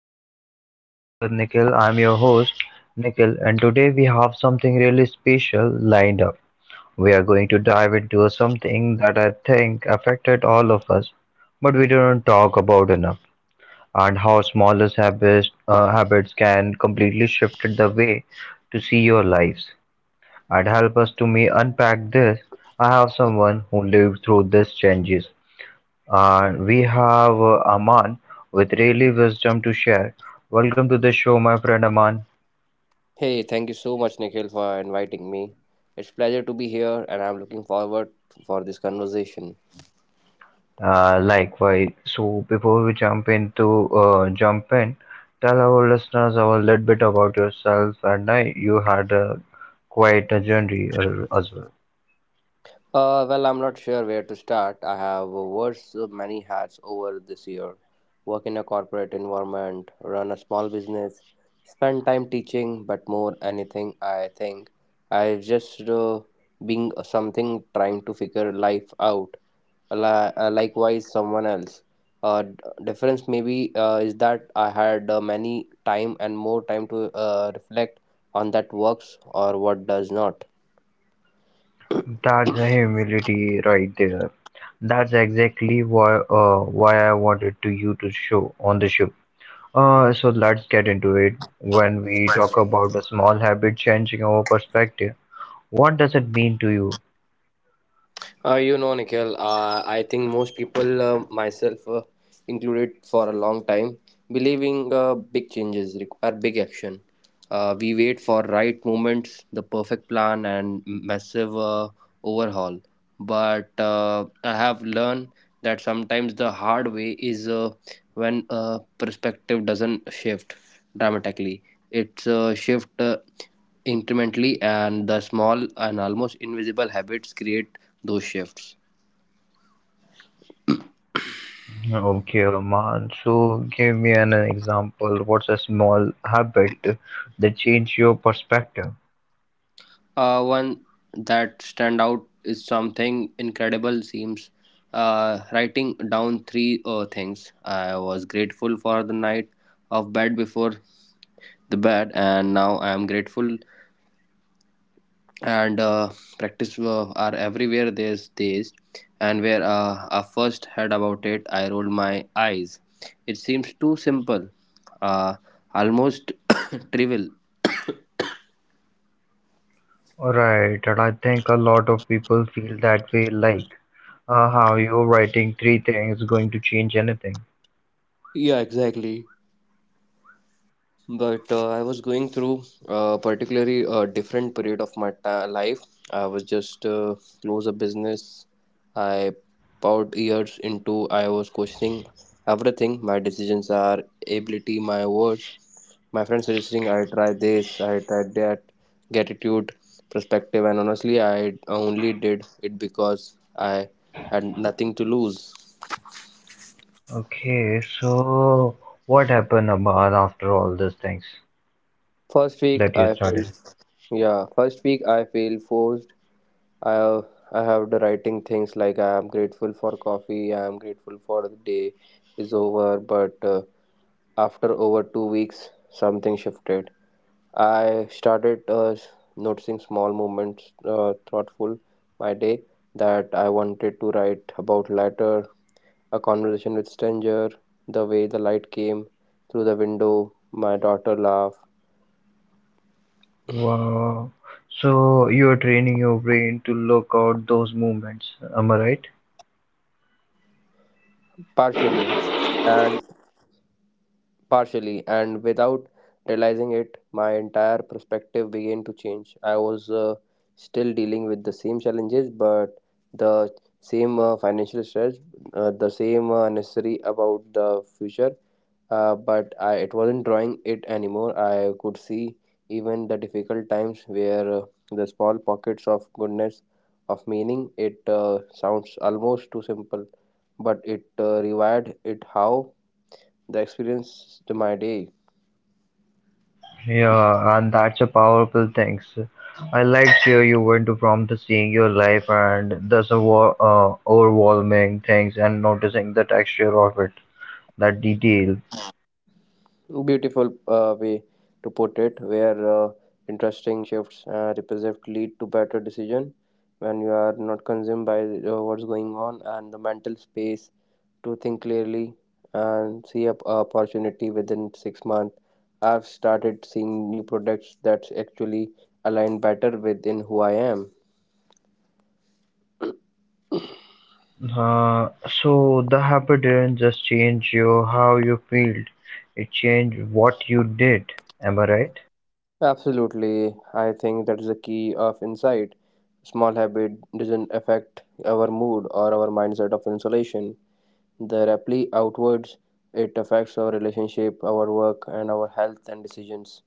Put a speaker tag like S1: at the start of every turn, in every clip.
S1: back to Real Talk with Nikhil. I'm your host, Nikhil, and today we have something really special lined up. We are going to dive into something that I think affected all of us, but we don't talk about enough, and how smallest habits, habits can completely shift the way to see your lives. And help us to me unpack this, I have someone who lived through these changes we have Aman with really wisdom to share. Welcome to the show, my friend Aman.
S2: Hey, thank you so much, Nikhil, for inviting me. It's pleasure to be here, and I'm looking forward for this conversation.
S1: Likewise. So before we jump in, tell our listeners a little bit about yourself. You had quite a journey as well.
S2: Well, I'm not sure where to start. I have worn so many hats over this year. Work in a corporate environment, run a small business, spend time teaching, but more anything, I think I've just being something trying to figure life out. Likewise someone else uh, d- difference maybe is that I had many time and more time to reflect on that works or what does not.
S1: That's a humility right there. That's exactly why I wanted to you to show on the show. So let's get into it. When we talk about a small habit changing our perspective, what does it mean to you?
S2: You know, Nikhil, I think most people, myself included for a long time, believing big changes require big action. We wait for right moments, the perfect plan, and massive overhaul. But I have learned that sometimes the hard way is when perspective doesn't shift dramatically. It's shift incrementally, and the small and almost invisible habits create those shifts.
S1: Okay, Roman. So give me an example. What's a small habit that changed your perspective?
S2: One that stand out is something incredible seems writing down three things. I was grateful for the night of bed before the bed, and now I am grateful. And practice are everywhere these days, and where I first heard about it, I rolled my eyes. It seems too simple, uh, almost trivial.
S1: Right, and I think a lot of people feel that way, like how you're writing three things going to change anything.
S2: Yeah, exactly. But I was going through a particularly different period of my life. I was just close a business I poured years into. I was questioning everything, my decisions are ability, my words, my friends suggesting I try this, I tried that, gratitude, perspective, and honestly I only did it because I had nothing to lose.
S1: Okay, so what happened, Aman, after all these things
S2: First
S1: that
S2: week
S1: you
S2: I
S1: started?
S2: felt, yeah, first week I feel forced. I have the writing things like I am grateful for coffee, I am grateful for the day is over, but After over 2 weeks, something shifted. I started noticing small moments, thoughtful my day that I wanted to write about later, a conversation with stranger, the way the light came through the window, my daughter laugh
S1: Wow. So you're training your brain to look out those movements. Am I right?
S2: partially, and and without realizing it, my entire perspective began to change. I was still dealing with the same challenges, but the same financial stress, the same unnecessary about the future. But I it wasn't drawing it anymore. I could see even the difficult times where the small pockets of goodness, of meaning. It sounds almost too simple, but it rewired it how the experience to my day.
S1: Yeah, and that's a powerful thing. I like hear you went from the seeing your life and the overwhelming things and noticing the texture of it, that detail.
S2: Beautiful way to put it, where interesting shifts represent lead to better decision when you are not consumed by what's going on and the mental space to think clearly and see up opportunity within 6 months. I've started seeing new products that actually align better within who I am.
S1: Uh, so the habit didn't just change you how you felt, it changed what you did. Am I right?
S2: Absolutely, I think that's the key of insight. Small habit doesn't affect our mood or our mindset of insulation. The rapidly outwards, it affects our relationship, our work, and our health and decisions.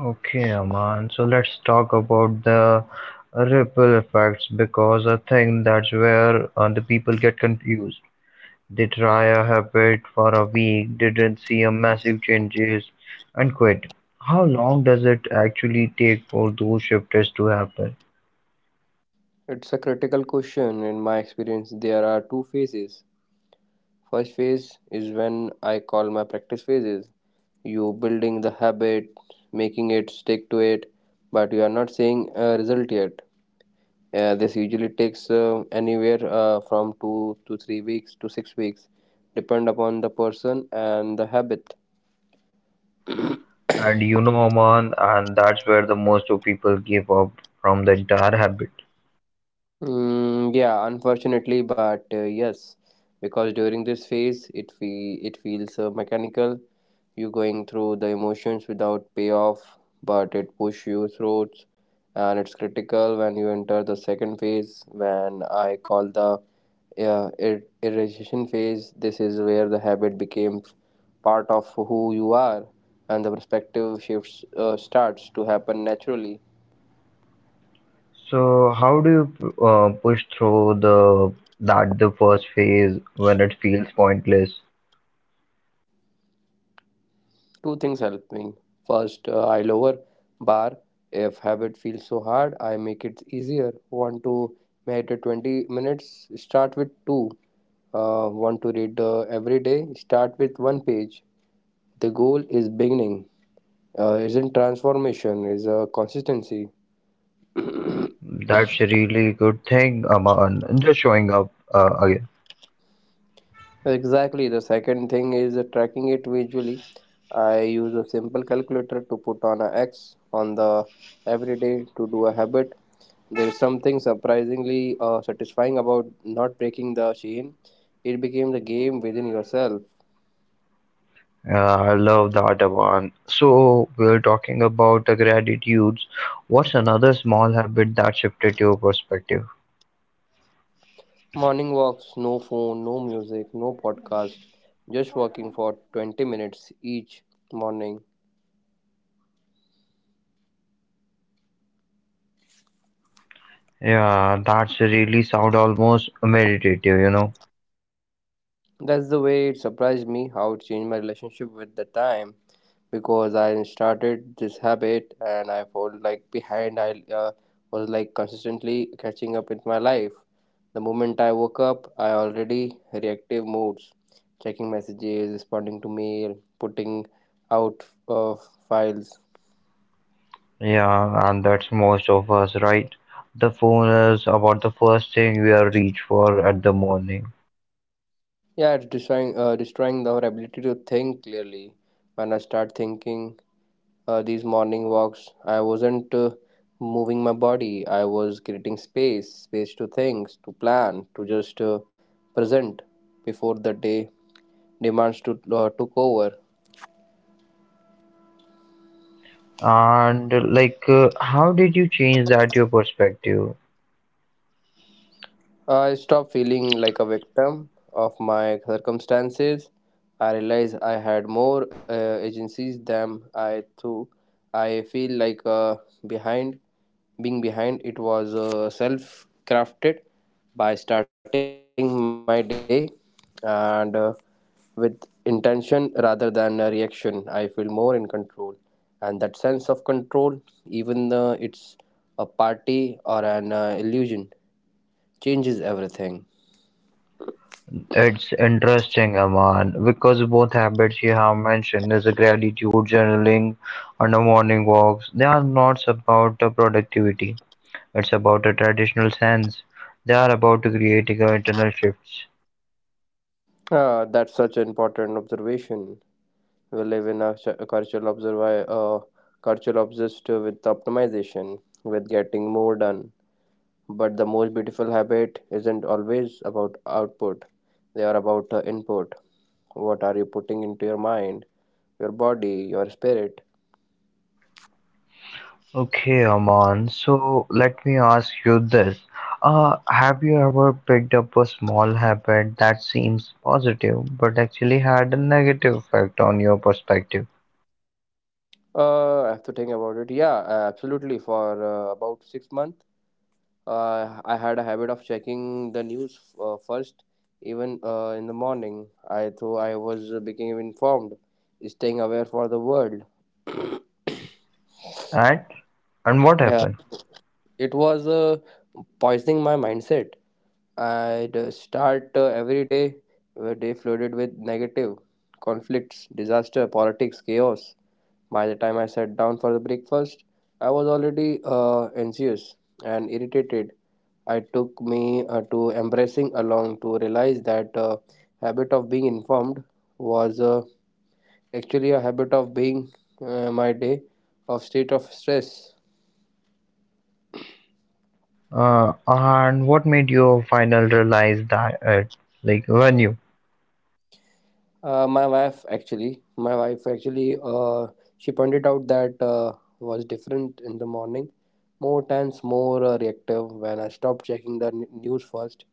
S1: Okay, Aman. So let's talk about the ripple effects because I think that's where the people get confused. They try a habit for a week, didn't see a massive changes, and quit. How long does it actually take for those shifters to happen?
S2: It's a critical question. In my experience, there are two phases. First phase is when I call my practice phases. You building the habit, making it stick to it, but you are not seeing a result yet. Yeah, this usually takes anywhere from 2 to 3 weeks to 6 weeks, depend upon the person and the habit.
S1: And you know, Aman, and that's where the most of people give up from the entire habit.
S2: Mm, yeah, unfortunately, but yes, because during this phase, it feels mechanical. You going through the emotions without payoff, but it push you through, and it's critical when you enter the second phase, when I call the irritation phase. This is where the habit became part of who you are, and the perspective shifts starts to happen naturally.
S1: So how do you push through the first phase when it feels pointless?
S2: Two things help me. First, I lower bar. If habit feels so hard, I make it easier. Want to meditate 20 minutes? Start with two. Want to read every day? Start with one page. The goal is beginning. Isn't transformation is consistency.
S1: That's a really good thing, Aman. Just showing up again.
S2: Exactly. The second thing is tracking it visually. I use a simple calculator to put on a X on the every day to do a habit. There's something surprisingly satisfying about not breaking the chain. It became the game within yourself.
S1: I love that, Aman. So we're talking about the gratitudes. What's another small habit that shifted your perspective?
S2: Morning walks, no phone, no music, no podcast, just walking for 20 minutes each morning.
S1: Yeah, that's really sound almost meditative.
S2: That's the way it surprised me how it changed my relationship with the time. Because I started this habit and I felt like behind. I was like consistently catching up with my life. The moment I woke up, I already reactive moods, checking messages, responding to mail, putting out uh, files.
S1: Yeah, and that's most of us, right? The phone is about the first thing we are reach for at the morning.
S2: Yeah, it's destroying our ability to think clearly. When I start thinking these morning walks. I wasn't moving my body. I was creating space, space to things, to plan, to just present before the day demands to took over.
S1: And like, how did you change that your perspective?
S2: I stopped feeling like a victim of my circumstances. I realized I had more agencies than I thought. I feel like behind being behind. It was self crafted by starting my day and with intention rather than a reaction. I feel more in control, and that sense of control, even it's a party or an illusion, changes everything.
S1: It's interesting, Aman, because both habits you have mentioned is a gratitude journaling and the morning walks. They are not about the productivity. It's about a traditional sense. They are about creating a internal shifts.
S2: Ah, that's such an important observation. We live in a cultural cultural obsessed with optimization, with getting more done. But the most beautiful habit isn't always about output. They are about input. What are you putting into your mind, your body, your spirit?
S1: Okay, Aman. So let me ask you this. Have you ever picked up a small habit that seems positive but actually had a negative effect on your perspective?
S2: I have to think about it. Yeah, absolutely. For about 6 months, I had a habit of checking the news first, even in the morning. I thought I was becoming informed, staying aware for the world.
S1: And and what
S2: Yeah,
S1: happened?
S2: it was poisoning my mindset. I'd start every day flooded with negative conflicts, disaster, politics, chaos. By the time I sat down for the breakfast, I was already anxious and irritated. It took me to embracing along to realize that habit of being informed was actually a habit of being my day of state of stress.
S1: And what made you final realize that it? Like when you?
S2: My wife actually, she pointed out that was different in the morning, more tense, more reactive. When I stopped checking the news first,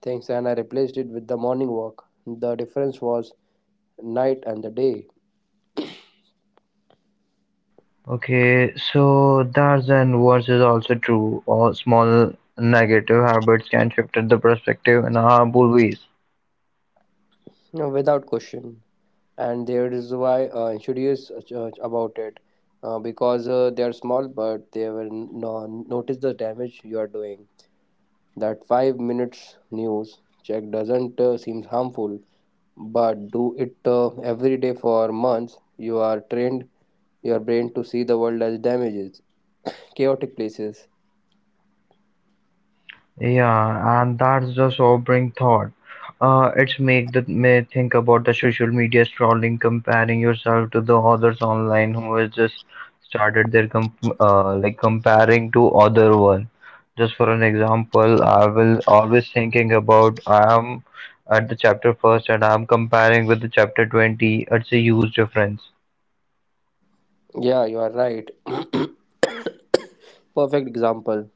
S2: things, and I replaced it with the morning walk. The difference was night and the day,
S1: Okay, so that's and words is also true. All small negative habits can shift the perspective in harmful ways.
S2: you know, without question. And there is why I'm curious about it, because they are small, but they will notice the damage you are doing. That 5 minutes news check doesn't seem harmful, but do it every day for months. You are trained your brain to see the world as damages, chaotic places.
S1: Yeah, and that's the sobering thought. It's make me think about the social media scrolling, comparing yourself to the others online who has just started their com like comparing to other one. Just for an example, I will always thinking about I am at the chapter first and I'm comparing with the chapter 20. It's a huge difference.
S2: Yeah, you are right. Perfect example.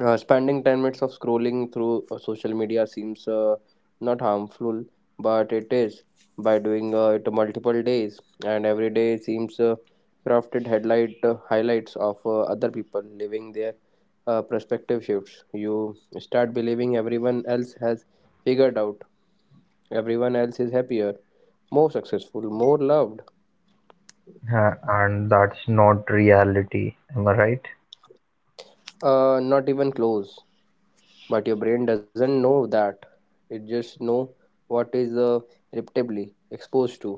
S2: Spending 10 minutes of scrolling through social media seems not harmful, but it is. By doing it multiple days, and every day seems crafted headlight highlights of other people living their perspective shifts. You start believing everyone else has figured out, everyone else is happier, more successful, more loved,
S1: And that's not reality. Am I right?
S2: not even close. But your brain doesn't know that, it just know what is repeatedly exposed to,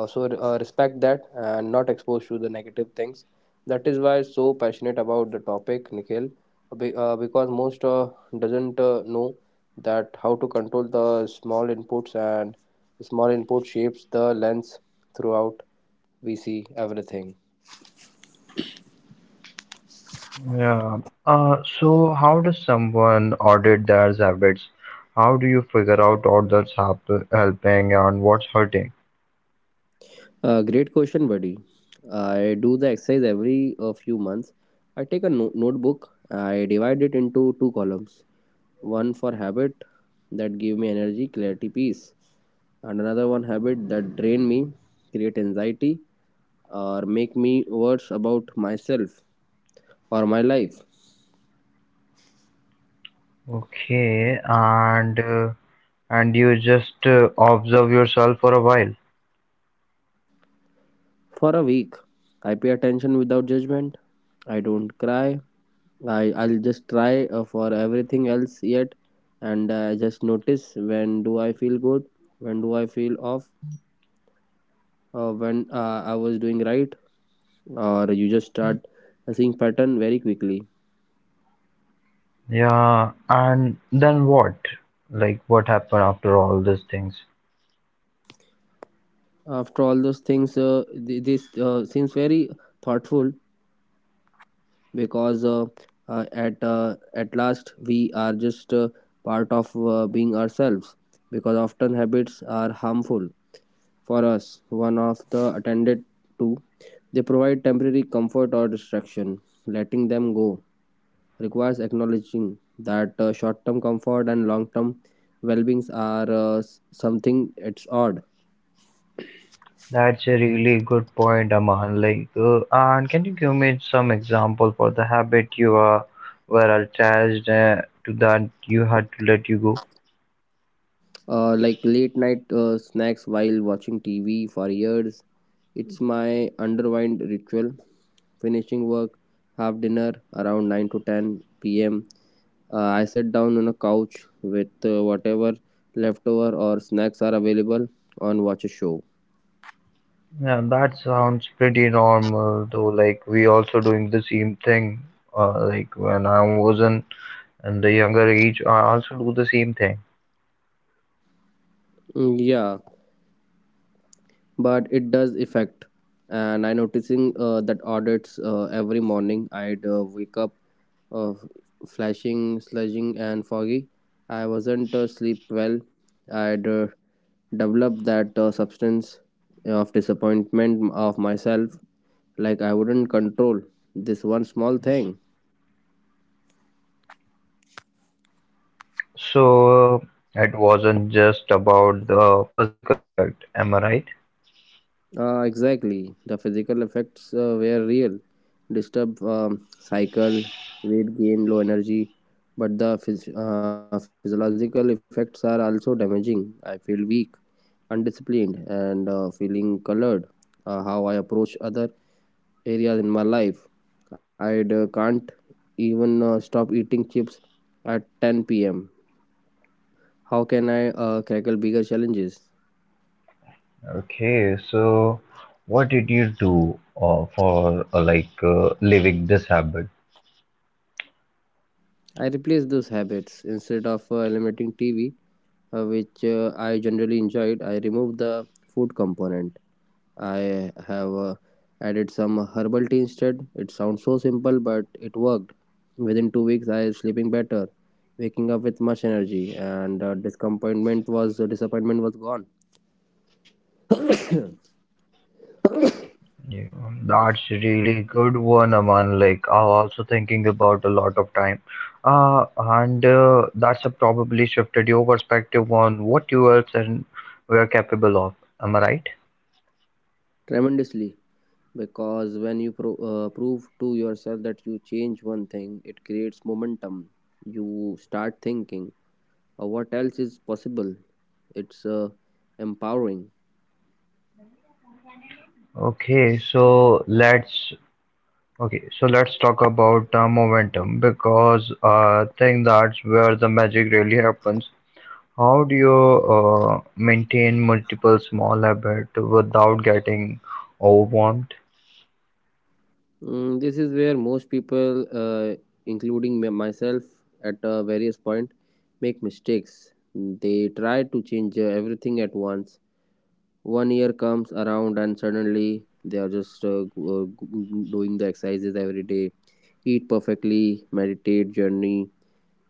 S2: also respect that and not exposed to the negative things. That is why so passionate about the topic, Nikhil. Because most doesn't know that how to control the small inputs, and small input shapes the lens throughout we see everything.
S1: Yeah. So how does someone audit their habits? How do you figure out what's helping and what's hurting?
S2: Great question, buddy. I do the exercise every few months. I take a notebook. I divide it into two columns. One for habit that give me energy, clarity, peace, and another one habit that drain me, create anxiety, or make me worse about myself or my life.
S1: Okay, and you just observe yourself for a while.
S2: For a week, I pay attention without judgment. I don't cry. I'll just try for everything else yet, and just notice when do I feel good, when do I feel off, when I was doing right, or you just start seeing pattern very quickly.
S1: Yeah, and then what? Like what happened after all these things?
S2: After all those things, this seems very thoughtful because at last we are just part of being ourselves because often habits are harmful for us, one of the attended to, they provide temporary comfort or distraction. Letting them go requires acknowledging that short term comfort and long term well beings are something it's odd.
S1: That's a really good point, Aman. Like, and can you give me some example for the habit you are were attached to that you had to let you go?
S2: Like late night snacks while watching TV for years. It's my underwind ritual. Finishing work, have dinner around 9 to 10 p.m. I sit down on a couch with whatever leftover or snacks are available and watch a show.
S1: Yeah, that sounds pretty normal, though. Like, we also doing the same thing. Like when I was in the younger age, I also do the same thing.
S2: Mm, yeah, but it does affect and I noticing that audits every morning I'd wake up uh, flashing sludging and foggy. I wasn't sleep well. I'd developed that substance of disappointment of myself, like I wouldn't control this one small thing.
S1: So it wasn't just about the physical effect, am I right?
S2: Exactly. The physical effects were real. Disturbed cycle, weight gain, low energy. But the physiological effects are also damaging. I feel weak, undisciplined, and feeling colored. How I approach other areas in my life. I can't even stop eating chips at 10 pm. How can I crackle bigger challenges?
S1: Okay, so what did you do for like living this habit?
S2: I replace those habits instead of eliminating TV, which I generally enjoyed. I remove the food component. I have added some herbal tea instead. It sounds so simple, but it worked. Within 2 weeks, I was sleeping better, waking up with much energy, and disappointment was gone.
S1: Yeah, that's really good one, Aman. Like, I'm also thinking about a lot of time. And that's a probably shifted your perspective on what you else and were capable of. Am I right?
S2: Tremendously, because when you prove to yourself that you change one thing, it creates momentum. You start thinking, "Oh, what else is possible? It's empowering."
S1: Okay, so let's okay, so let's talk about momentum because I think that's where the magic really happens. How do you maintain multiple small habits without getting overwhelmed?
S2: Mm, this is where most people, including myself at various point, make mistakes. They try to change everything at once. One year comes around and suddenly they are just doing the exercises every day, eat perfectly, meditate journey,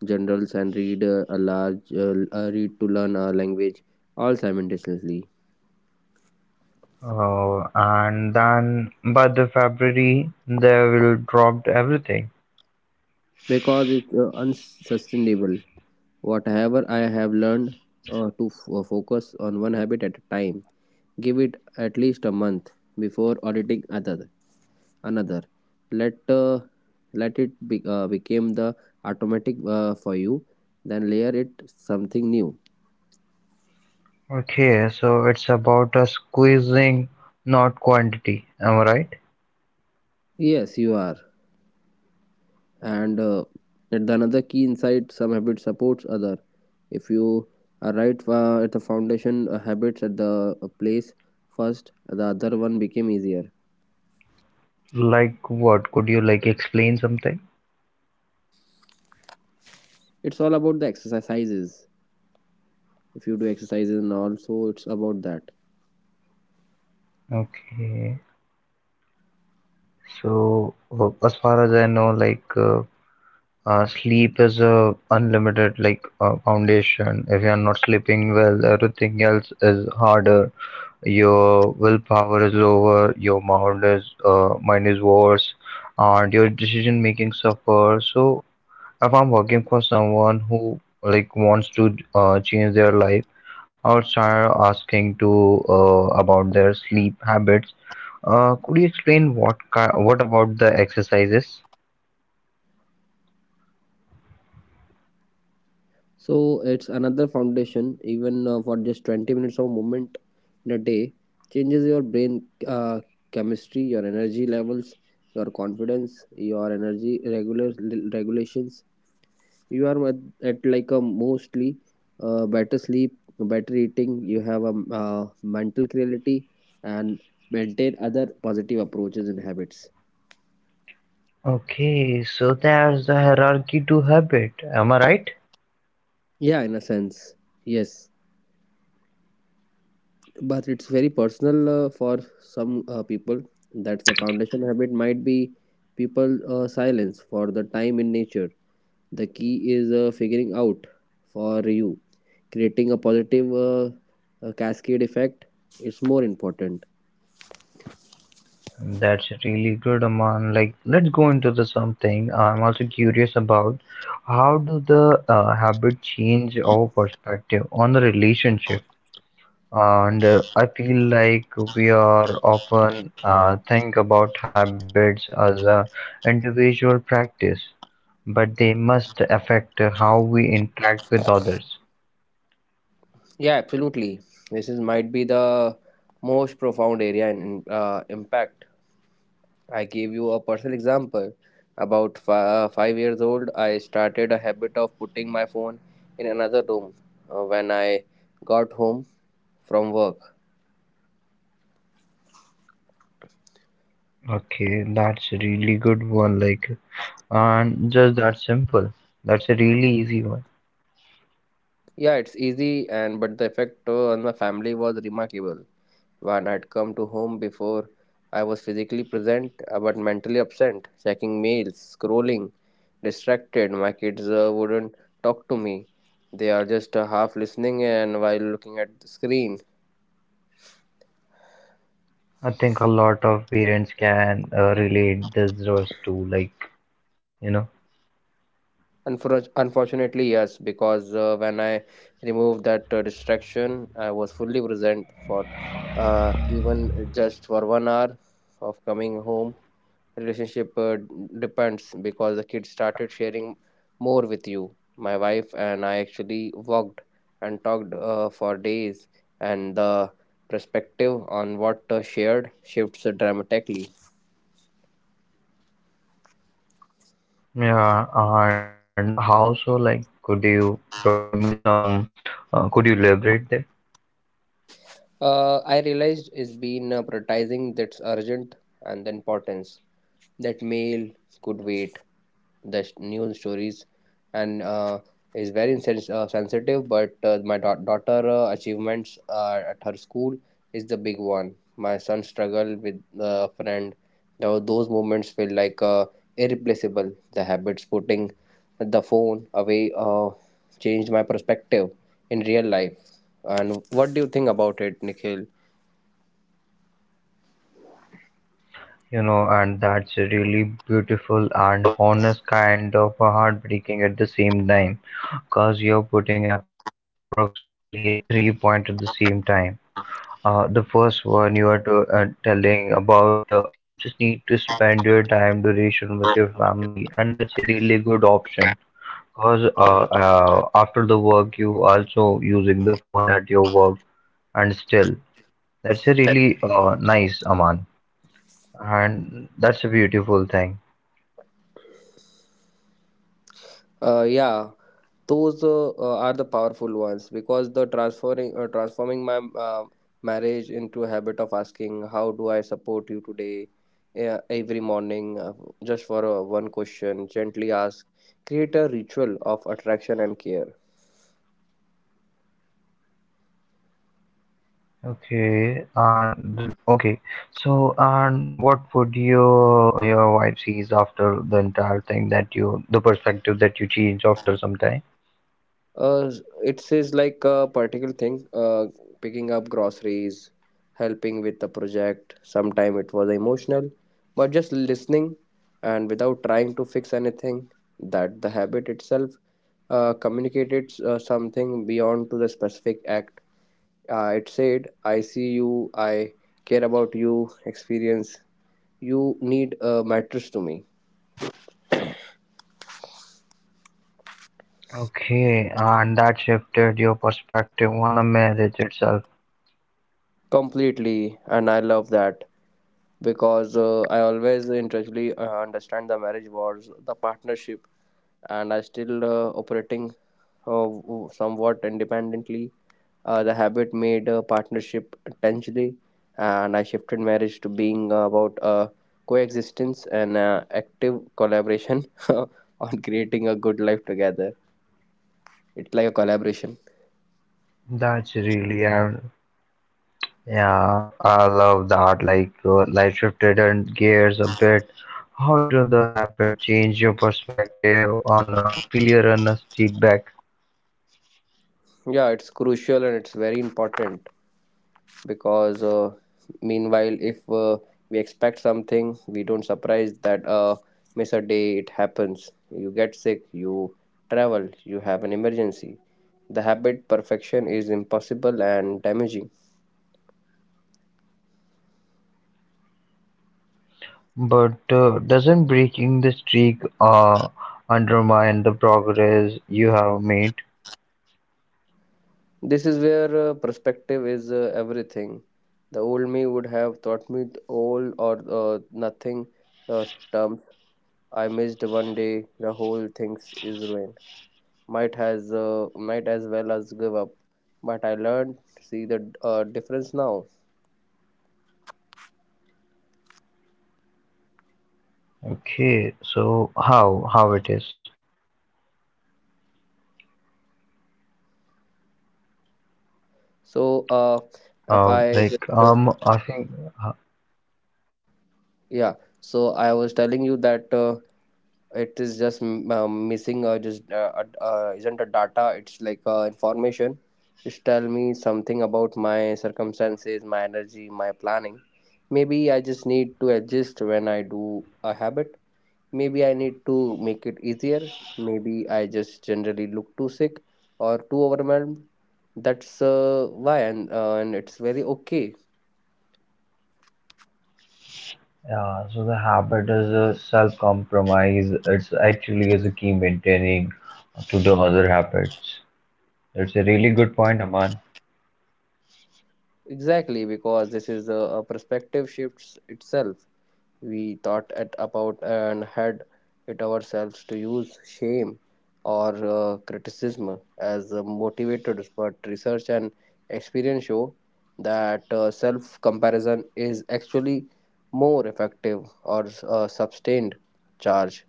S2: generals, and read a large read to learn a language, all simultaneously,
S1: And then by the February, they will drop everything.
S2: because it's unsustainable. Whatever I have learned to focus on one habit at a time, give it at least a month before auditing other, another. Let let it be, become the automatic for you, then layer it something new.
S1: Okay, so it's about squeezing, not quantity. Am I right?
S2: Yes, you are, and yet the another key insight, some habit supports other. If you are right at the foundation habits at the place, first the other one became easier.
S1: Like what? Could you like explain something?
S2: It's all about the exercises. If you do exercises and also it's about that.
S1: Okay. So as far as I know, like, sleep is a unlimited like foundation. If you are not sleeping well, everything else is harder. Your willpower is lower, your mind is worse, and your decision making suffer. So if I'm working for someone who like wants to change their life, I'll start asking to about their sleep habits. Could you explain what what about the exercises?
S2: So it's another foundation, even for just 20 minutes of movement in a day, changes your brain chemistry, your energy levels, your confidence, your energy regular regulations. You are at like a mostly better sleep, better eating, you have a mental clarity and maintain other positive approaches and habits.
S1: Okay, so there's the hierarchy to habit. Am I right?
S2: Yeah, in a sense, yes, but it's very personal for some people. That's the foundation habit might be people silence for the time in nature. The key is figuring out for you, creating a positive cascade effect is more important.
S1: That's really good, Aman. Like, let's go into the something. I'm also curious about how do the habit change our perspective on the relationship? And I feel like we are often think about habits as a individual practice, but they must affect how we interact with others.
S2: Yeah, absolutely. This is might be the most profound area in impact. I gave you a personal example. About 5 years old, I started a habit of putting my phone in another room when I got home from work.
S1: Okay, that's a really good one. Like, and just that simple. That's a really easy one.
S2: Yeah, it's easy, and but the effect on my family was remarkable. When I'd come to home before, I was physically present but mentally absent, checking mails, scrolling, distracted. My kids wouldn't talk to me. They are just half listening and while looking at the screen.
S1: I think a lot of parents can relate this verse to, like, you know.
S2: Unfortunately, yes, because when I removed that distraction, I was fully present for even just for 1 hour of coming home. Relationship depends, because the kid started sharing more with you. My wife and I actually walked and talked for days, and the perspective on what shared shifts dramatically.
S1: Yeah, and how so? Like, could you provide me some? Could you elaborate that?
S2: I realized it's been prioritizing that's urgent and the importance. That mail could wait, the news stories and is very sensitive, but my daughter achievements at her school is the big one. My son struggle with a friend. Now those moments feel like irreplaceable. The habits putting the phone away changed my perspective in real life. And what do you think about it, Nikhil?
S1: You know, and that's a really beautiful and honest kind of a heartbreaking at the same time, because you're putting approximately a 3 point at the same time. The first one you are to, telling about you just need to spend your time duration with your family, and that's a really good option because after the work, you also using the phone at your work, and still that's a really nice Aman, and that's a beautiful thing.
S2: Yeah, those are the powerful ones, because the transferring transforming my marriage into a habit of asking, how do I support you today? Every morning, just for one question gently ask, create a ritual of attraction and care.
S1: Okay, and what would your wife sees after the entire thing that you the perspective that you change after some time?
S2: uh, it says like a particular thing, picking up groceries, helping with the project, sometime it was emotional, but just listening and without trying to fix anything. That the habit itself communicated something beyond to the specific act. It said, I see you, I care about you experience, you need a mattress to me.
S1: Okay, and that shifted your perspective on a marriage itself.
S2: Completely, and I love that, because I always intellectually understand the marriage was the partnership, and I still operating somewhat independently. The habit made a partnership intentionally, and I shifted marriage to being about coexistence and active collaboration on creating a good life together. It's like a collaboration.
S1: That's really, and yeah, I love that. Like, life shifted and gears a bit. How did the habit change your perspective on a failure and a feedback?
S2: Yeah, it's crucial and it's very important, because meanwhile if we expect something, we don't surprise that miss a day. It happens, you get sick, you travel, you have an emergency. The habit perfection is impossible and damaging.
S1: But doesn't breaking the streak undermine the progress you have made?
S2: This is where perspective is everything. The old me would have taught me the all or uh, nothing uh, terms. I missed one day, the whole thing is ruined, might has might as well as give up. But I learned, see the difference now.
S1: Okay, so how it is?
S2: So if I just
S1: Like
S2: uh,
S1: I think. uh,
S2: yeah, so I was telling you that it is just missing, just isn't a data, it's like information. Just tell me something about my circumstances, my energy, my planning. Maybe I just need to adjust when I do a habit, maybe I need to make it easier, maybe I just generally look too sick or too overwhelmed. That's why, and it's very okay.
S1: Yeah, so the habit is a self-compromise. It's actually is a key maintaining to the other habits. It's a really good point, Aman.
S2: Exactly, because this is a perspective shifts itself. We thought it about and had it ourselves to use shame or criticism as motivators, but research and experience show that self comparison is actually more effective or sustained charge.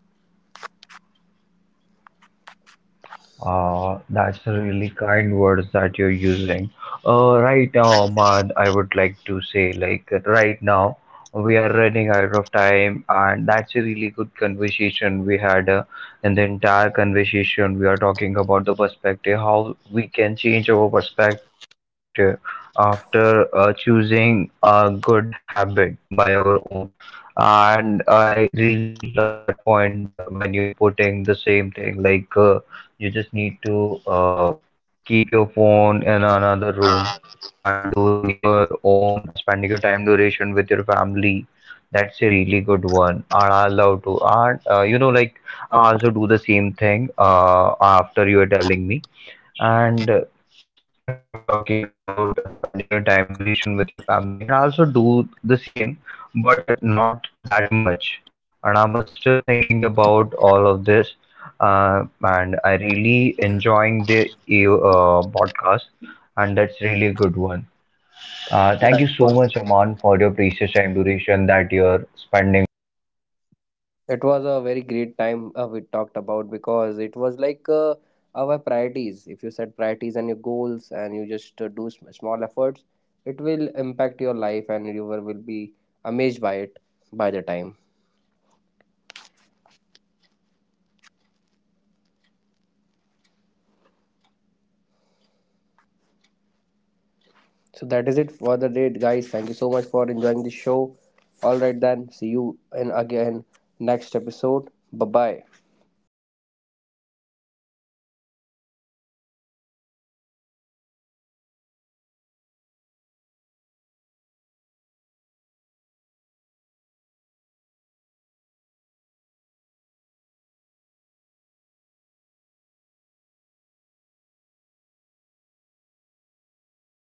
S1: That's a really kind words that you're using. Right now, Ahmad, I would like to say, like, right now, we are running out of time, and that's a really good conversation we had. In the entire conversation, we are talking about the perspective, how we can change our perspective after choosing a good habit by our own. And I really love that point that when you're putting the same thing, like, you just need to keep your phone in another room and doing your own, spending your time duration with your family. That's a really good one. And I love to. And like I also do the same thing after you are telling me. And if I'm talking about spending your time duration with your family, and I also do the same, but not that much. And I'm still thinking about all of this, and I really enjoying the podcast, and that's really a good one.
S2: Yeah,
S1: Uh,
S2: it
S1: thank you
S2: was,
S1: so much, Aman, for your precious time duration that you're spending with me
S2: it was a
S1: to
S2: very great
S1: informing
S2: time
S1: our
S2: we talked
S1: listeners.
S2: about, because
S1: So
S2: it was
S1: how
S2: like
S1: the
S2: our
S1: small
S2: priorities.
S1: habit
S2: If you
S1: can
S2: set
S1: change their
S2: priorities and your
S1: perspective.
S2: goals and you just do small efforts, it will impact your life and you will
S1: Thank
S2: be
S1: you so much,
S2: amazed by
S1: Aman,
S2: it,
S1: for
S2: by the
S1: this
S2: time.
S1: time.
S2: So that is it for the day, guys. Thank you so much for enjoying the show. All right then, see you in again next episode. Bye bye.